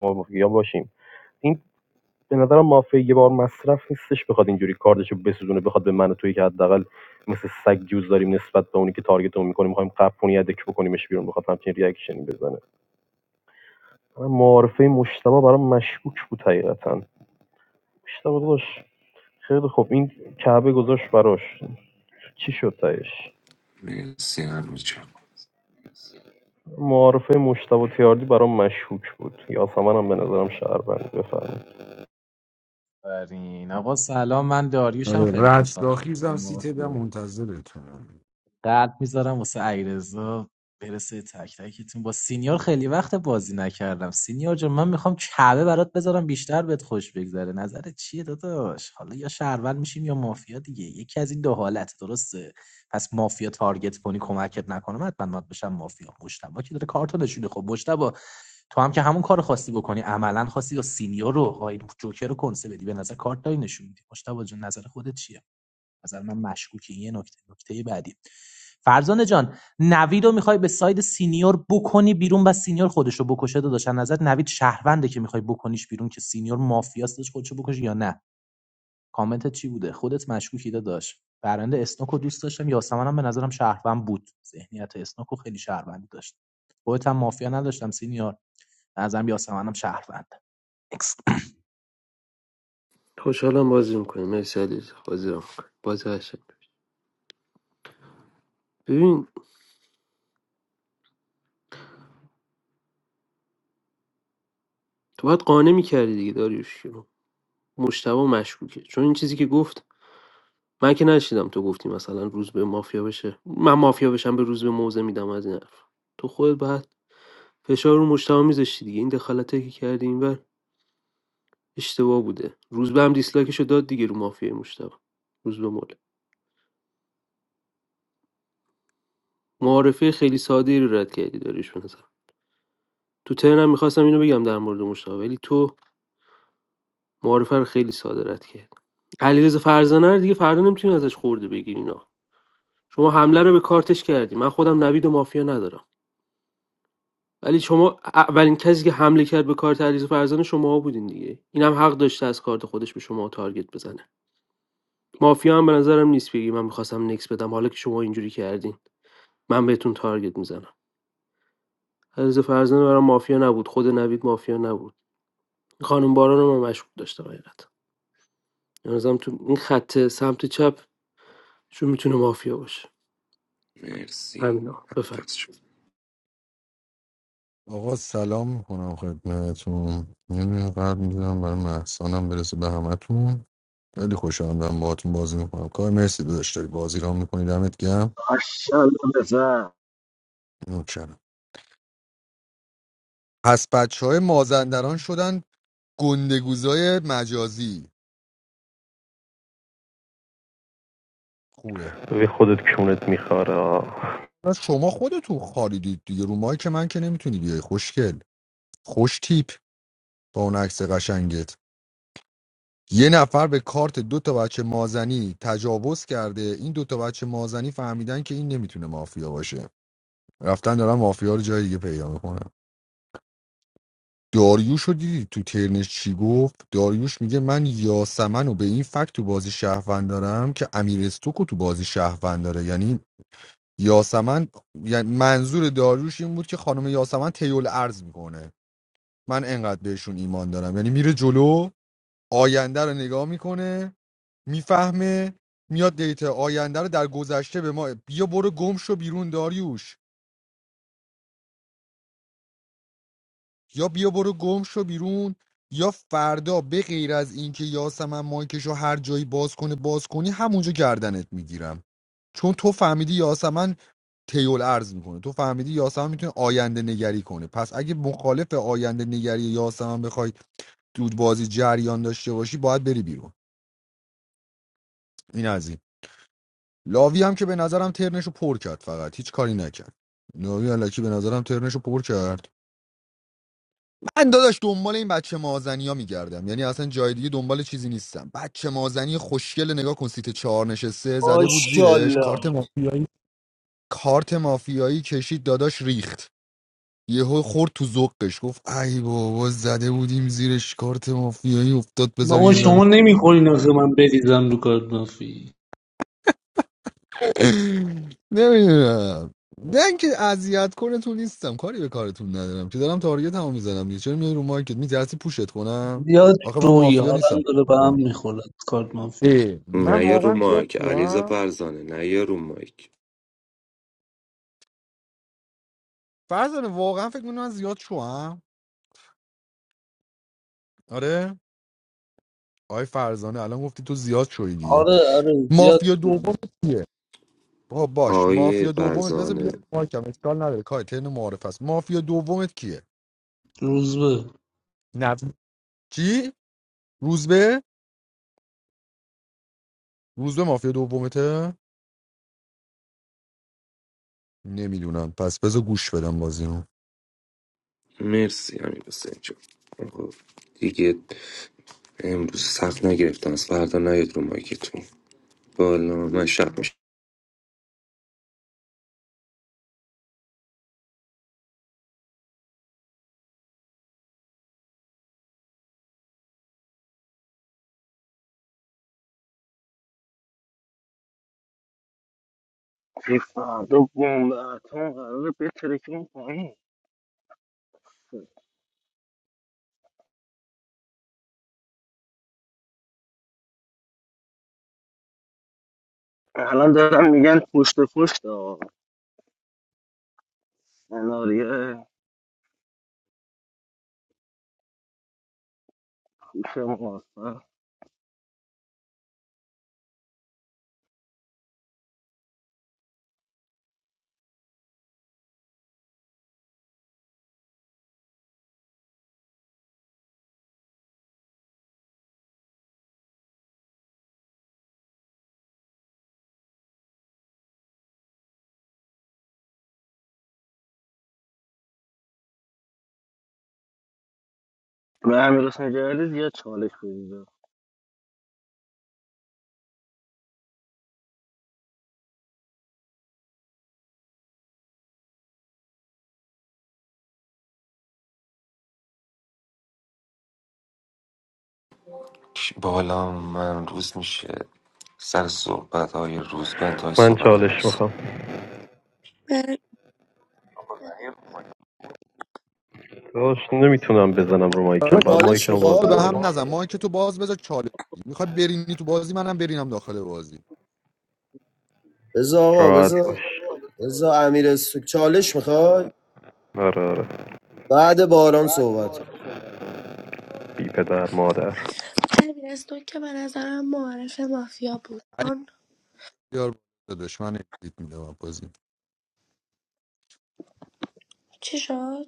Speaker 9: مافیا باشیم این به نظرم مافیا یه بار مصرف نیستش بخواد اینجوری کاردشو بسوزونه بخواد به من و توی که حداقل مثل سگ جوز داریم نسبت به اونی که تارگتمون میکنه میخوایم قپونی ادک بکنیمش بیرون بخواد همچین ریاکشنی بزنه من معارفه مشتبه برام مشکوک بود حقیقتا مشتبه داشت خیلی خوب این کعبه گذاشت براش چی شد تهش
Speaker 14: مرسی همه
Speaker 9: معارفه مشتبه تیاردی برام مشکوک بود یاسمن هم به نظرم شهروند بفرمایید
Speaker 10: برین آقا سلام من داریوشم
Speaker 2: آره
Speaker 10: خیلی
Speaker 2: رستاخیزم سیت ده
Speaker 10: خوشحالم
Speaker 2: منتظرتونم
Speaker 10: قلب میذارم واسه عیرزا برسه تک تکتون با سینیور خیلی وقت بازی نکردم سینیور جان من میخوام کعبه برات بذارم بیشتر بهت خوش بگذره نظرت چیه داداش حالا یا شهروند میشیم یا مافیا دیگه یکی از این دو حالت درسته پس مافیا تارگت کنی کمکت نکنه من حتما باید بشم مافیا مشتبا که داره کارتو نشونه خب مشتبا تو هم که همون کار خواستی بکنی عملا خواستی یا سینیور رو آقای جوکر رو کنسه بدی به نظر کارت داری نشون میدی مشتبا جون نظر خودت چیه نظر من مشکوکی یه نکته نکته بعدی فرزانه جان نوید رو میخوای به ساید سینیور بکنی بیرون و سینیور خودش رو بکشه داداش نظر نوید شهرونده که میخوای بکنیش بیرون که سینیور مافیاست داشت خودش رو بکشه یا نه کامنت چی بوده خودت مشکوکی داداش برنده اسنوک رو دوست داشتم یاسمن هم به نظرم شهروند بود ذهنیت اسنوک رو خیلی شهروندی داشت خودت هم مافیا نداشتم سینیور به نظرم یاسمن هم شهروند
Speaker 15: خوشحالم بازی میکنه مرسی علیرضا بازی رو میکنه بازی قشنگ ببین تو باید قانع میکردی دیگه داریوش رو مشتبه مشکوکه چون این چیزی که گفت من که نشیدم تو گفتی مثلا روز به مافیا بشه من مافیا بشم به روز به موزه میدم از این حرف تو خودت بعد فشار رو مشتبه میذاشتی دیگه این دخالتی که کردی اینور اشتباه بوده روز به هم دیسلایکشو داد دیگه رو مافیا مشتبه روز به مول معارفه خیلی ساده رو رد کردی داریوش به نظرم. تو ترنم میخواستم اینو بگم در مورد مشتاق ولی تو معارفه رو خیلی ساده رد کرد علیرضا فرزانه رو دیگه فردا نمیتونی ازش خورده بگیری اینا شما حمله رو به کارتش کردی من خودم نوید و مافیا ندارم ولی شما اولین کسی که حمله کرد به کارت علیرضا فرزانه شما بودین دیگه اینم حق داشته از کارت خودش به شما تارگت بزنه مافیا هم به نظرم نیست بگی من میخواستم نکس بدم حالا که شما اینجوری کردین من بهتون تارگت میزنم علیرضا فرزانه برام مافیا نبود خود نوید مافیا نبود خانم باران رو من مشکوک داشتم حقیقت نظرم تو این خط سمت چپ چون میتونه مافیا باشه
Speaker 14: مرسی
Speaker 15: همینا بفرم.
Speaker 14: حافظ شد
Speaker 2: آقا سلام میکنم خدمتتون یه قلب میزنم برای محسانم برسه به همتون خیلی خوشحالم دارم باهاتون بازی میکنم کار مرسی داداش داری بازی را میکنی دمت گرم
Speaker 8: اشالله بزن
Speaker 2: نوکرم پس بچه های مازندران شدن گندگوزای مجازی خوبه
Speaker 9: به خودت کونت میخواره آه.
Speaker 2: پس شما خودتون خالیدید دیگه رو مایی که من که نمیتونی بیای خوشگل خوش تیپ با اون عکس قشنگت یه نفر به کارت دو تا بچه مازنی تجاوز کرده این دو تا بچه مازنی فهمیدن که این نمیتونه مافیا باشه رفتن دارن مافیا رو جای دیگه پیدا میکنن داریوش رو دیدی تو ترنش چی گفت داریوش میگه من یاسمن رو به این فکت تو بازی شهروند دارم که امیر استوکو تو بازی شهروند داره یعنی یاسمن یعنی منظور داریوش این بود که خانم یاسمن تیول ارز میکنه من انقدر بهشون ایمان دارم یعنی میره جلو آینده رو نگاه میکنه میفهمه میاد دیتا آینده رو در گذشته به ما بیا برو گم شو بیرون داریوش یا بیا برو گم شو بیرون یا فردا به غیر از اینکه یاسمن مایکش رو هر جایی باز کنه باز کنی همونجا گردنت میگیرم چون تو فهمیدی یاسمن تیول ارز میکنه تو فهمیدی یاسمن میتونه آینده نگری کنه پس اگه مخالف آینده نگری یاسمن بخوای دود بازی جریان داشته باشی باید بری بیرون این از این. لاوی هم که به نظرم ترنشو پر کرد فقط هیچ کاری نکرد لاوی علکی به نظرم ترنشو پر کرد من داداش دنبال این بچه مازنی میگردم یعنی اصلا جای دیگه دنبال چیزی نیستم بچه مازنی خوشگل نگاه کن سیت چهار نشسته زده بود زیرش
Speaker 1: ماشاءالله
Speaker 2: کارت مافیایی کارت مافیایی کشید داداش ریخت یهو خورد تو ذوقش گفت ای بابا زده بودیم زیرش کارت مافیایی افتاد بذار
Speaker 6: بابا
Speaker 2: یه ذره
Speaker 6: شما نمیخورین آخه من بریزم رو کارت مافی
Speaker 2: نمیدونم نه اینکه اذیت کنه تو نیستم کاری به کارتون ندارم که دارم تارگت هم میزنم دیگه چرا میای رو مارکت میترسی پوشت کنم
Speaker 6: زیاد
Speaker 2: آخه من
Speaker 6: شوی
Speaker 2: مافیا
Speaker 6: حالم
Speaker 2: نیستم
Speaker 6: داره به هم
Speaker 2: کنم
Speaker 6: میخورد کارت مافی
Speaker 2: ای من
Speaker 14: نه یا رو
Speaker 2: واقعا زیاد
Speaker 14: مایک علیزا
Speaker 2: شوام
Speaker 14: فرزانه نه یا رو مایک
Speaker 2: فرزانه واقعا فکر می‌کنی من زیاد شوام آره آی فرزانه الان گفتی تو زیاد شوی دیگه
Speaker 6: آره آره زیاد
Speaker 2: مافیا
Speaker 6: شوی
Speaker 2: دوم کیه با باش
Speaker 14: آقای
Speaker 2: مافیا دومت بذار
Speaker 14: فرزانه
Speaker 2: بیا مارکم اشکال نداره کار ترن معارف است مافیا دومت کیه
Speaker 6: روزبه
Speaker 2: نه چی روزبه روزبه مافیا دومته نمیدونم پس بذار گوش بدم بازی رو
Speaker 14: مرسی امیر حسین جون خب، دیگه امروز سخت نگرفتم از فردا نیاد رو مایکتون بالا من شب میشه
Speaker 8: این فردا بمب اتم قراره بترکیم پایین الان دارن میگن پشت پشت آقا سناریه پوش محاصره به امیر حسین جلالی زیاد چالش بگیده
Speaker 14: بالا من روز میشه سر صحبت های روز به انتهای
Speaker 9: من
Speaker 14: صحبت هم
Speaker 9: چالش
Speaker 14: مرسی
Speaker 9: میخوام
Speaker 7: من
Speaker 9: داش نمیتونم بزنم رو
Speaker 2: حالا
Speaker 9: مایکم بعد
Speaker 1: چالش
Speaker 9: مایکم باز
Speaker 2: تو به
Speaker 1: میخوای
Speaker 9: بذارم
Speaker 2: هم نزن ما که تو باز بذار چاله میخواد برینی تو بازی منم برینم داخل بازی
Speaker 1: بذار آقا
Speaker 9: راحت
Speaker 1: بذار
Speaker 9: باش
Speaker 1: بذار امیر سو... چالش میخوای
Speaker 9: آره آره
Speaker 1: بعد باران صحبت کن.
Speaker 9: بی پدر مادر
Speaker 7: تو که به نظرم معارفه مافیا بود
Speaker 2: علی
Speaker 7: چون
Speaker 2: بیار بالا داداش من اگزییت میدم بازی
Speaker 7: چی شد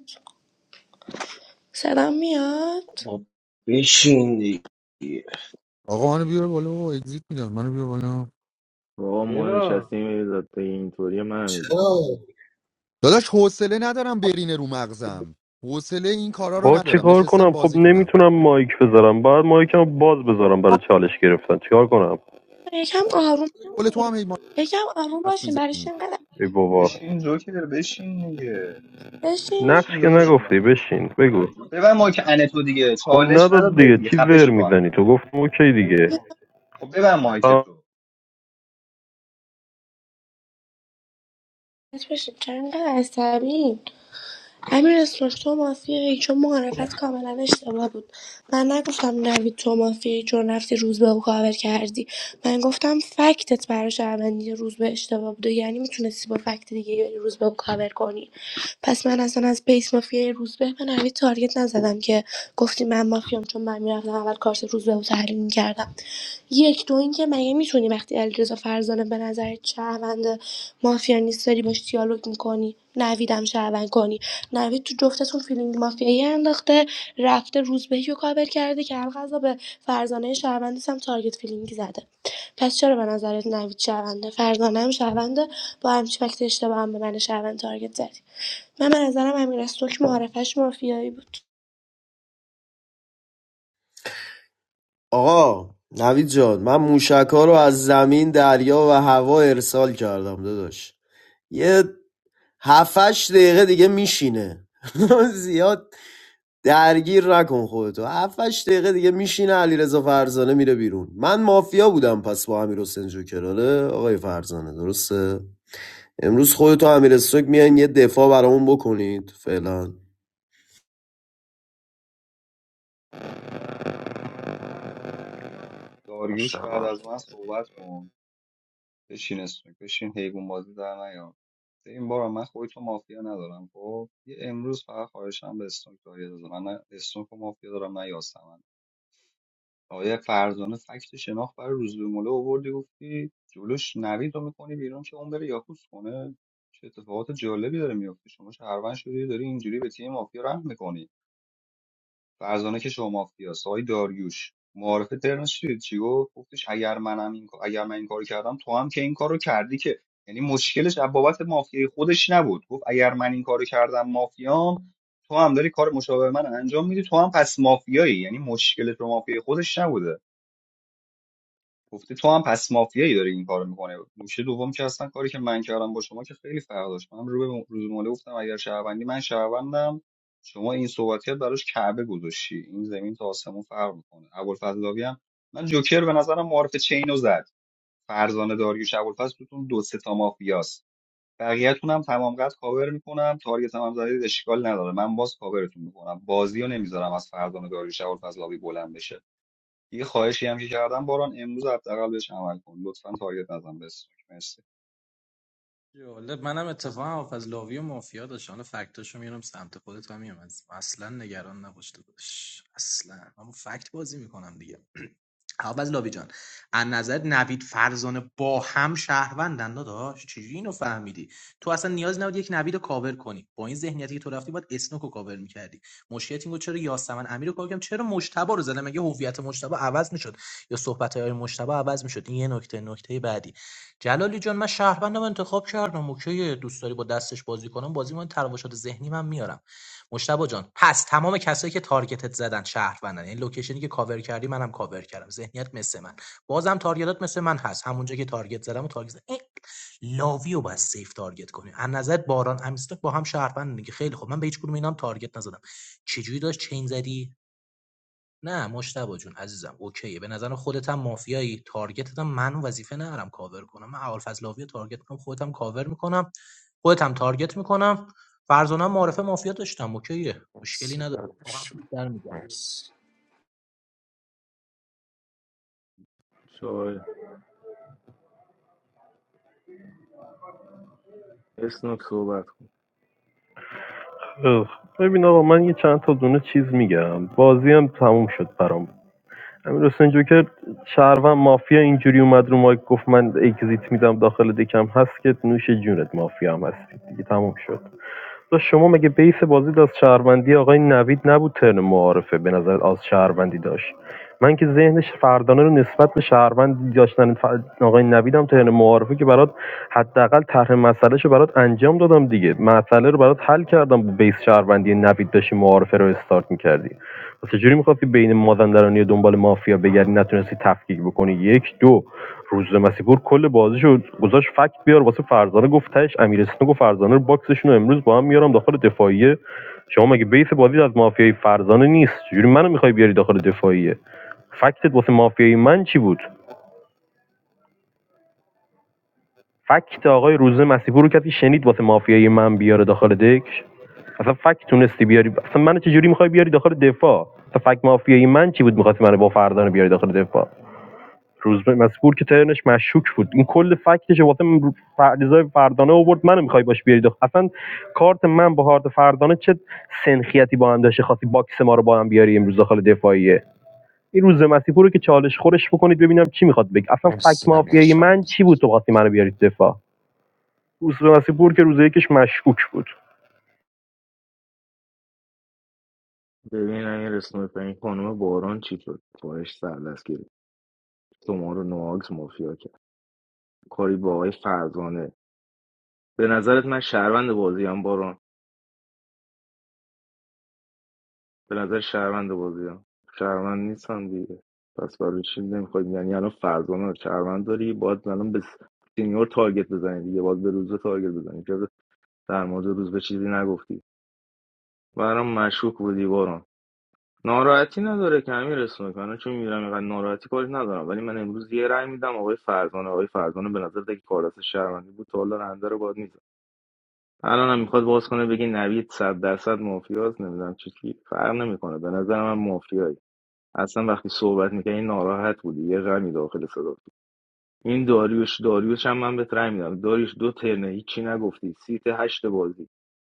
Speaker 7: صدام میاد
Speaker 8: بابا بشین دیگه
Speaker 2: آقا منو بیار بالا بابا اگزییت میدم منو بیار بالا
Speaker 12: با ما
Speaker 10: Next.
Speaker 12: نشستیم یه داده اینطوری من هم
Speaker 1: چرا؟
Speaker 12: میگیزیم
Speaker 2: داداش حوصله ندارم برینه رو مغزم حوصله این کارا رو
Speaker 9: با
Speaker 2: ندارم
Speaker 9: چیکار
Speaker 2: نشستم
Speaker 9: کنم خب
Speaker 2: بازی کنم
Speaker 9: نمیتونم مایک بذارم بعد مایکم باز بذارم برای چالش گرفتن چیکار کنم
Speaker 7: یکم آروم
Speaker 2: قول تو
Speaker 7: باشین.
Speaker 2: هم هی ما
Speaker 7: یکم آروم
Speaker 2: حرف
Speaker 7: باشین برایش
Speaker 2: میزنی
Speaker 7: اینقدر
Speaker 9: ای بابا
Speaker 3: بشین جوکر بشین دیگه
Speaker 7: بشین
Speaker 9: نقش
Speaker 3: بشین
Speaker 9: که
Speaker 3: داداش جون
Speaker 9: نگفتی
Speaker 3: من بشین
Speaker 9: بشین بگو
Speaker 3: ببن مایک ان تو دیگه
Speaker 9: خب
Speaker 3: چالش
Speaker 9: نداد
Speaker 3: نداد به
Speaker 9: دیگه
Speaker 3: دیگه
Speaker 9: چی
Speaker 3: خفه
Speaker 9: ور
Speaker 3: شو تو هم
Speaker 9: میزنی تو گفتم اوکی دیگه
Speaker 3: خب ببن مایک
Speaker 9: تمام.
Speaker 3: تو
Speaker 7: That's what Shatanga is, Sabi. امیر اسنوک تو مافیایی چون معرفت کاملا اشتباه بود من نگفتم نوید تو مافیایی چون رفتی روز به کاور کردی من گفتم فکتت برای شهروندی روز به اشتباه بوده یعنی میتونستی با فکت دیگه بری روز به کاور کنی پس من اصلا از بیس مافیای روز به به نوید تارگت نزدم که گفتی من مافیام چون من میرفتم اول کارت روز به رو تحلیل میکردم یک دو اینکه مگه میتونی وقتی علیرضا فرزانه به نظر شهروند مافیا نیست داری باش دیالوگ میکنی نویدم شهروند کنی نوید تو جفتتون فیلینگ مافیایی انداخته رفته روزبهی رو کاور کرده که القضا به فرزانه شهروندیس هم تارگت فیلینگی زده پس چرا به نظرت نوید شهرونده فرزانه هم شهرونده با همچی وقت اشتباه هم به من شهروند تارگت زدی من به نظرم امیر که معرفش مافیایی بود
Speaker 1: آقا نوید جان من موشک ها رو از زمین دریا و هوا ارسال کردم داداش یه هفتش دقیقه دیگه میشینه زیاد درگیر نکن خودتو هفتش دقیقه دیگه میشینه علیرضا فرزانه میره بیرون من مافیا بودم پس با امیر حسین جوکراله آقای فرزانه درسته امروز خودتو امیر استوک میان یه دفاع برامون بکنید فعلا
Speaker 3: داریوش بعد
Speaker 14: مشتبا
Speaker 3: از من صحبت کن بشین اسمک بشین حیوان بازی در نیار ده این بار من خودی مافیا ندارم خب یه امروز فقط خواهشم به اسنوک تارگت بزن من نه اسنوک و مافیا دارم نه یاسمن آیا فرزانه فکت شناخت برای روز به موله آوردی گفتی جلوش نوید رو میکنی بیرون که اون بره یاکوس کنه چه اتفاقات جالبی داره میفته شما شهروند شدی داری اینجوری به تیم مافیا رحم میکنی فرزانه که شما مافیاست آقای داریوش معارف ترنش چی چی گفت گفتش اگر منم این کار- اگر من این کارو کردم تو هم که این کارو کردی که یعنی مشکلش از بابت مافیای خودش نبود گفت اگر من این کارو کردم مافیام تو هم داری کار مشابه من انجام میدی تو هم پس مافیایی یعنی مشکل تو مافیای خودش نبوده گفته تو هم پس مافیایی داری این کارو میکنه نوشه دوم که اصلا کاری که من کردم با شما که خیلی فرق داشت من رو به روزمره گفتم اگر شهروندی من شهروندم شما این صحبتیت براش کعبه گذاشتی این زمین تا آسمون فرق میکنه ابوالفضلاوی هم من جوکر به نظرم معارف چینو زد فرزانه داریوش ابوالفضل توتون دو سه تا مافیاست بقیه‌تون هم تمام قد کاور میکنم تارگت هم, هم زدید اشکال نداره من باز کاورتون میکنم بازی رو نمیذارم از فرزانه داریوش ابوالفضلاوی بلند بشه یه خواهشی هم که کردم باران امروز حداقل بهش عمل کن لطفا تارگت نزن به استوک مرسی
Speaker 10: جالب منم اتفاقا حافظ لاوی و مافیا داشت حالا فکتاشو میارم سمت خودت هم میام اصلا نگران نباش داداش اصلا من با فکت بازی میکنم دیگه آبازلاوی جان از نظر نوید فرزانه با هم شهروندن داداش چجوری اینو فهمیدی تو اصلا نیاز نبود یک نوید رو کاور کنی با این ذهنیتی که تو رفتی باید اسنوک رو کاور میکردی مشکلت این بود چرا یاسمن امیر رو کاور کردم چرا مشتبه رو زدم مگه هویت مشتبه عوض میشد یا صحبت های مشتبه عوض میشد این یه نکته نکته بعدی جلالی جان من شهروندم انتخاب کردم اوکی دوست داری با دستش بازی کنم بازی من تراوشات ذهنی من میارم مجتبی جان پس تمام کسایی که تارگتت زدن شهروندن یعنی لوکیشنی که کاور کردی منم کاور کردم ذهنیت مثل من بازم تارگتات مثل من هست همونجا که تارگت زدم و تارگت زدم. لاوی رو باید سیف تارگت کنی از نظر باران امیرسلک با هم شهروند میگه خیلی خوب من به هیچ کدوم اینام تارگت نزدم چجوری داشت چین زدی نه مجتبی جون عزیزم اوکیه به نظر خودت هم مافیایی تارگتت هم من وظیفه ندارم کاور کنم من اول لاوی رو تارگت کنم خودت هم کاور میکنم خودت هم تارگت میکنم فرزانه هم معرفه مافیا داشتم اوکیه مشکلی
Speaker 14: مرسی
Speaker 10: نداره واقعا
Speaker 14: برداشت
Speaker 10: بیشتر می‌گم.
Speaker 14: مرسی
Speaker 12: شای اسنوک صحبت کن
Speaker 9: ببین آقا من یه چند تا دونه چیز میگم بازی هم تموم شد برام امیر حسین جوکر شهروند مافیا اینجوری اومد رو مایک گفت من اگزییت میدم داخل دکم هست که نوش جونت مافیا هم هستی دیگه تموم شد داش شما مگه بیس بازیت از شهروندی آقای نوید نبود ترن معارفه به نظر از شهروندی داشت من که ذهنش فردانه رو نسبت به شهروند داشتن ف- آقای نویدم ترن معارفه که برات حداقل طرح مسئله رو برات انجام دادم دیگه مسئله رو برات حل کردم با بیس شهروندی نوید داشتی معارفه رو استارت میکردی و چجوری میخواستی بین مازندرانی و دنبال مافیا بگردی نتونستی تفکیک بکنی یک دو روز مسیپور کل بازیشو گذاشت فکت بیار واسه فرزانه گفت تهش امیرسنو گفت فرزانه رو باکسشون رو امروز با هم میارم داخل دفاعیه شما مگه بیس بازی از مافیای فرزانه نیست چجوری منو میخوای بیاری داخل دفاعیه فکتت واسه مافیای من چی بود فکت آقای روز مسیپور رو کسی شنید واسه مافیای من بیاره داخل دک اصلا فکت تونستی بیاری اصلا منو چجوری میخوای بیاری داخل دفاع اصلا فکت مافیای من چی بود میخواستی منو با فرزانه بیاری داخل دفاع روزبه مسئول که ترنش مشکوک بود این کل فکتش واسه من فریضای فردانه آورد منو میخوای باش بیارید اصلا کارت من با کارت فردانه چه سنخیتی با هم داشته خاصی باکس ما رو با هم بیاری امروز داخل دفاعیه این روز مسیحپور رو که چالش خورش بکنید ببینم چی میخواد بگه اصلا فک
Speaker 14: مرسی نمیر
Speaker 9: مافیایی
Speaker 14: جان
Speaker 9: من چی بود تو وقتی منو بیارید دفاع روز مسیحپور که روز یکش مشکوک بود
Speaker 12: ببین این اسنوک این خانم باران چی شد پایش سردست گیر شما رو نواکس مافیا کرد کاری با آقای فرزانه به نظرت من شهروند بازیم باران به نظر شهروند بازیم شهروند نیستم دیگه پس برای چی نمیخواد یعنی الان فرزانه رو شهروند داری باید الان به سینیور تارگت بزنی دیگه باید به روزه تارگت بزنی که در مورد روز به چیزی نگفتی برام مشکوک بودی باران ناراحتی نداره که همین رسونه کنه چون میرم اینقدر ناراحتی کاری ندارم ولی من امروز یه رأی میدم آقای فرزانه آقای فرزانه به نظر دیگه کار دست شهروندی بود تا حالا رنده رو باید الان هم میخواد باز کنه بگه نوید صد درصد مافیاست نمیدونم چی چی فرق نمیکنه به نظر من مافیایی اصلا وقتی صحبت میکنی ناراحت بودی یه غمی داخل صدا بود. این داریوش داریوش هم من بهت رأی میدم داریوش دو ترنه هیچی نگفتی سیت هشت بازی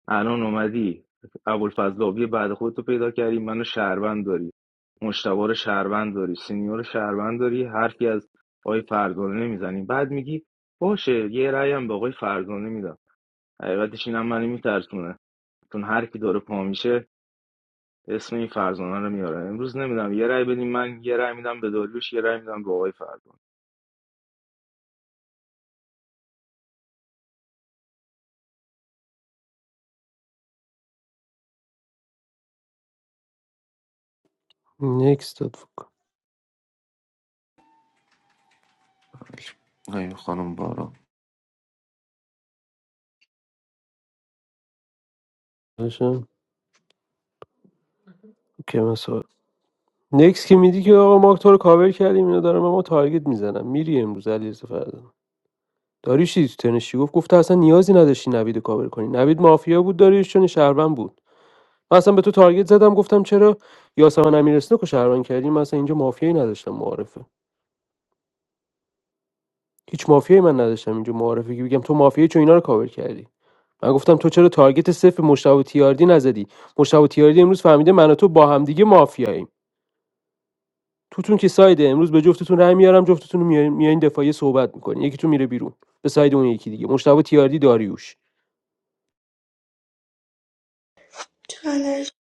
Speaker 12: الان اومدی ابوالفضلاوی بعد خودتو پیدا کردی منو شهروند داری مشتبه رو شهروند داری سینیور رو شهروند داری حرفی از آقای فرزانه نمیزنی بعد میگی باشه یه رأی هم به آقای فرزانه میدم حقیقتش اینم منو میترسونه تون هر کی داره پا میشه اسم این فرزانه رو میاره امروز نمیدم یه رأی بدیم من یه رأی میدم به داریوش یه رأی میدم به آقای فرزانه
Speaker 15: نکس داد فکر کنم.
Speaker 14: نه خانم بارو
Speaker 15: باشه که مثلا نکس که میدی که آقا ما تو رو کاور کردیم اینا دارم ما تارگت میزنم میری امروز علی فردا داریوش چی تو تنش چی گفت گفت تو اصلا نیازی نداشتی نوید رو کاور کنی نوید مافیا بود داریوش چون شهروند بود من اصلا به تو تارگت زدم گفتم چرا یاسمن امیرسنو که شهروند کردی من اصلا اینجا مافیایی نداشتم معارفه هیچ مافیایی من نداشتم اینجا معارفه که بگم تو مافیایی چون اینا رو کاور کردی من گفتم تو چرا تارگت صفر مشتاق تیاردی نزدی مشتاق تیاردی امروز فهمیده من و تو با همدیگه مافیاییم توتون که سایده امروز به جفتتون رای میارم جفتتون رو میارین میارین دفاعی صحبت میکنین یکی تو میره بیرون به ساید اون یکی دیگه مشتاق تیاردی داریوش
Speaker 7: چالش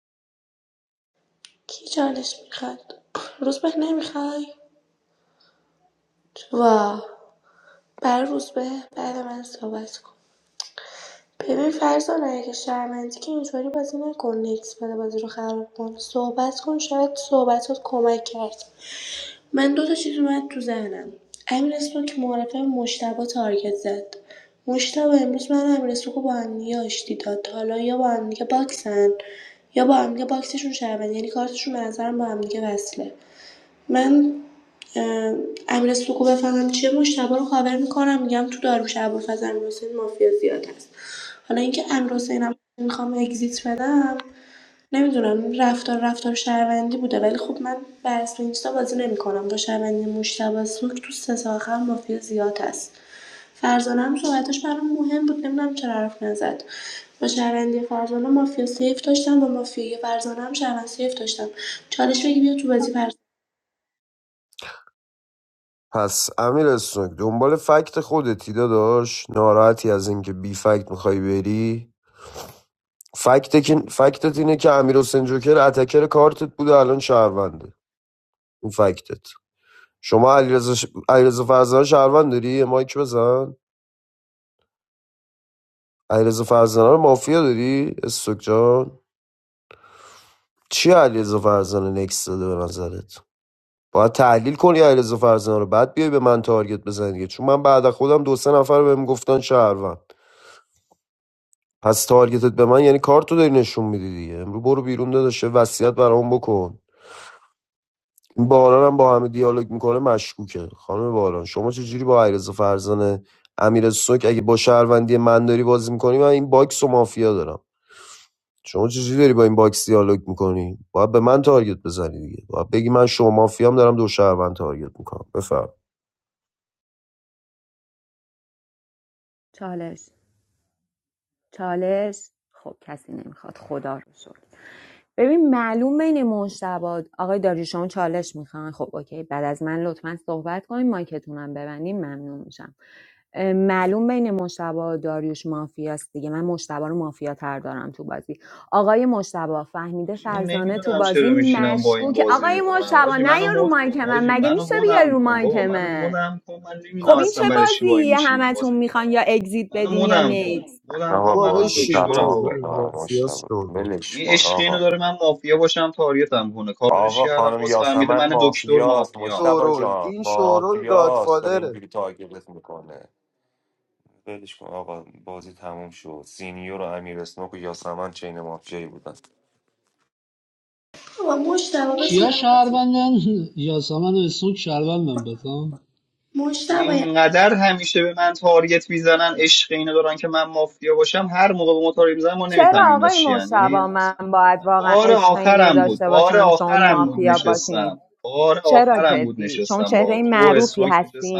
Speaker 7: کی چالش میخواد روزبه نمیخوای وا برای روزبه بعد من صحبت کن ببین فرزانه اگه شرمندی که اینطوری بازی نکن نکس بده بازی رو خراب کن صحبت کن شاید صحبتات کمک کرد من دو تا چیز اومد تو ذهنم امیر اسمو که معرفه مشتبه تارگت زد مشتبه امروز من و امیر اسمو رو با هم دیگه آشتی داد حالا یا با هم دیگه باکسن یا با هم دیگه باکسشون شرمندی یعنی کارتشون به نظرم با هم دیگه وصله من اه، امیر سوکو بفهمم چیه مشتبه رو کاور میکنم میگم تو داروش ابوالفضل امیرحسین مافیا زیاد هست حالا اینکه امیرحسینم میخوام اگزیت بدم نمیدونم رفتار رفتار شهروندی بوده ولی خب من بر اسم اینستا بازی نمیکنم با شهروندی مشتبه سوک تو سه تا آخر مافیا زیاد هست فرزانه هم صحبتش برام مهم بود نمیدونم چرا حرف نزد با شهروندی فرزانه مافیا سیف داشتم با مافیا فرزانه هم شهروند سیف داشتم چالش بگی بیا تو بازی پر
Speaker 1: پس امیر اسنوک دنبال فکت خودتی داداش ناراحتی از اینکه بی فکت میخوای بری فکت که- فکتت اینه که امیر حسین جوکر اتکر کارتت بوده الان شهرونده اون فکتت شما علیرضا ش- علیرضا فرزانه شهروند داری یه مایک بزن علیرضا فرزانه رو مافیا داری استوک جان چی علیرضا فرزانه نکس داده به نظرت باید تحلیل کنی علیرضا فرزانه رو بعد بیای به من تارگت بزنی دیگه. چون من بعد از خودم دو سه نفر بهم گفتن شهروند پس تارگتت به من یعنی کارتو داری نشون میدی دیگه امرو برو بیرون داداشه وصیت برام بکن این باران هم با همه دیالوگ میکنه مشکوکه خانم باران شما چجوری با علیرضا فرزانه امیر سوک اگه با شهروندی من داری بازی میکنی من این باکس و مافیا دارم شما چجوری داری با این باکس دیالوگ میکنی باید به من تارگت بزنی دیگه باید بگی من شما مافیام دارم دو شهروند تارگت میکنم بفهم
Speaker 4: چالش چالش خب کسی نمیخواد خدا رو شکر ببین معلوم بین مشتبا آقای داریوشان چالش میخوان خب اوکی بعد از من لطفا صحبت کنیم مایکتونم ببندیم ممنون میشم اه، معلوم بین مشتبا داریوش مافیاست دیگه من مشتبا رو مافیا تر دارم تو بازی آقای مشتبا فهمیده
Speaker 3: حاجی من
Speaker 4: فرزانه تو
Speaker 3: نمیدونم
Speaker 4: بازی
Speaker 3: چرا میشینم با این
Speaker 4: مشکوک
Speaker 3: بازی
Speaker 4: آقای
Speaker 3: میکنم
Speaker 4: مشتبا
Speaker 3: حاجی
Speaker 4: نه
Speaker 3: منو
Speaker 4: یا رو
Speaker 3: مد
Speaker 4: مایک
Speaker 3: کن
Speaker 4: من
Speaker 3: حاجی
Speaker 4: مگه
Speaker 3: منو
Speaker 4: میشه بیاری
Speaker 3: مدم
Speaker 4: رو
Speaker 3: کن
Speaker 4: مایک
Speaker 3: بابا منو
Speaker 4: من
Speaker 3: مدم کن من نمیدونم
Speaker 4: خب این چه
Speaker 3: اصلا برای چی با این
Speaker 4: بازی
Speaker 3: میشینم
Speaker 4: همتون
Speaker 3: بازی
Speaker 4: میخوان یا
Speaker 3: میکنم
Speaker 4: اگزییت
Speaker 3: منو
Speaker 4: بدین یا
Speaker 3: مدم
Speaker 4: نیت
Speaker 3: کن مدم کن
Speaker 14: آقا
Speaker 3: منو
Speaker 1: بابا
Speaker 3: من
Speaker 14: بازی
Speaker 1: بشین بابا
Speaker 3: دکترم
Speaker 14: تفاهم
Speaker 3: بابا
Speaker 1: بشین.
Speaker 14: میکنم
Speaker 1: مافیاس
Speaker 14: مشتبه
Speaker 1: شورول
Speaker 14: ولش
Speaker 3: این
Speaker 14: کن
Speaker 3: عشق اینو
Speaker 14: آقا
Speaker 3: داره من مافیا باشم تارگتم کنه کاورش
Speaker 14: آقا
Speaker 3: کردم
Speaker 14: خانم
Speaker 3: باز فهمیده
Speaker 14: یاسمن
Speaker 3: من دکتر
Speaker 14: مافیاست
Speaker 3: مافیام
Speaker 14: مشتبه
Speaker 1: شورول
Speaker 14: جان
Speaker 1: این شورول
Speaker 14: مافیاست داره
Speaker 1: گادفادره
Speaker 14: اینجوری تارگتت میکنه ولش کن آقا بازی تموم شد سینیور و امیر اسنوک و یاسمن چین مافیایی بودن
Speaker 7: بابا مشتبه بهت
Speaker 6: کیا شهروندن یاسمن و سوک شهروندن بتام
Speaker 7: مشتبه
Speaker 3: اینقدر همیشه به من تارگت میزنن عشق اینو دارن که من مافیا باشم هر موقع به ما تارگت میزنن ما
Speaker 4: چرا
Speaker 3: نمیفهمیم اینا
Speaker 4: آقای
Speaker 3: چیان یعنی
Speaker 4: مشتبه من
Speaker 3: اصلا
Speaker 4: باید واقعا
Speaker 3: بار
Speaker 4: عشق اینو
Speaker 3: آخرم بود
Speaker 4: داشته
Speaker 3: بار
Speaker 4: باشم شما
Speaker 3: آخرم بود
Speaker 4: مافیا باشین
Speaker 3: نشستم بار
Speaker 4: چرا
Speaker 3: آخرم بود
Speaker 4: جدی شما
Speaker 3: نشستم
Speaker 4: چهره
Speaker 3: با تو
Speaker 4: معروفی
Speaker 3: اسموک نشستم
Speaker 4: هستین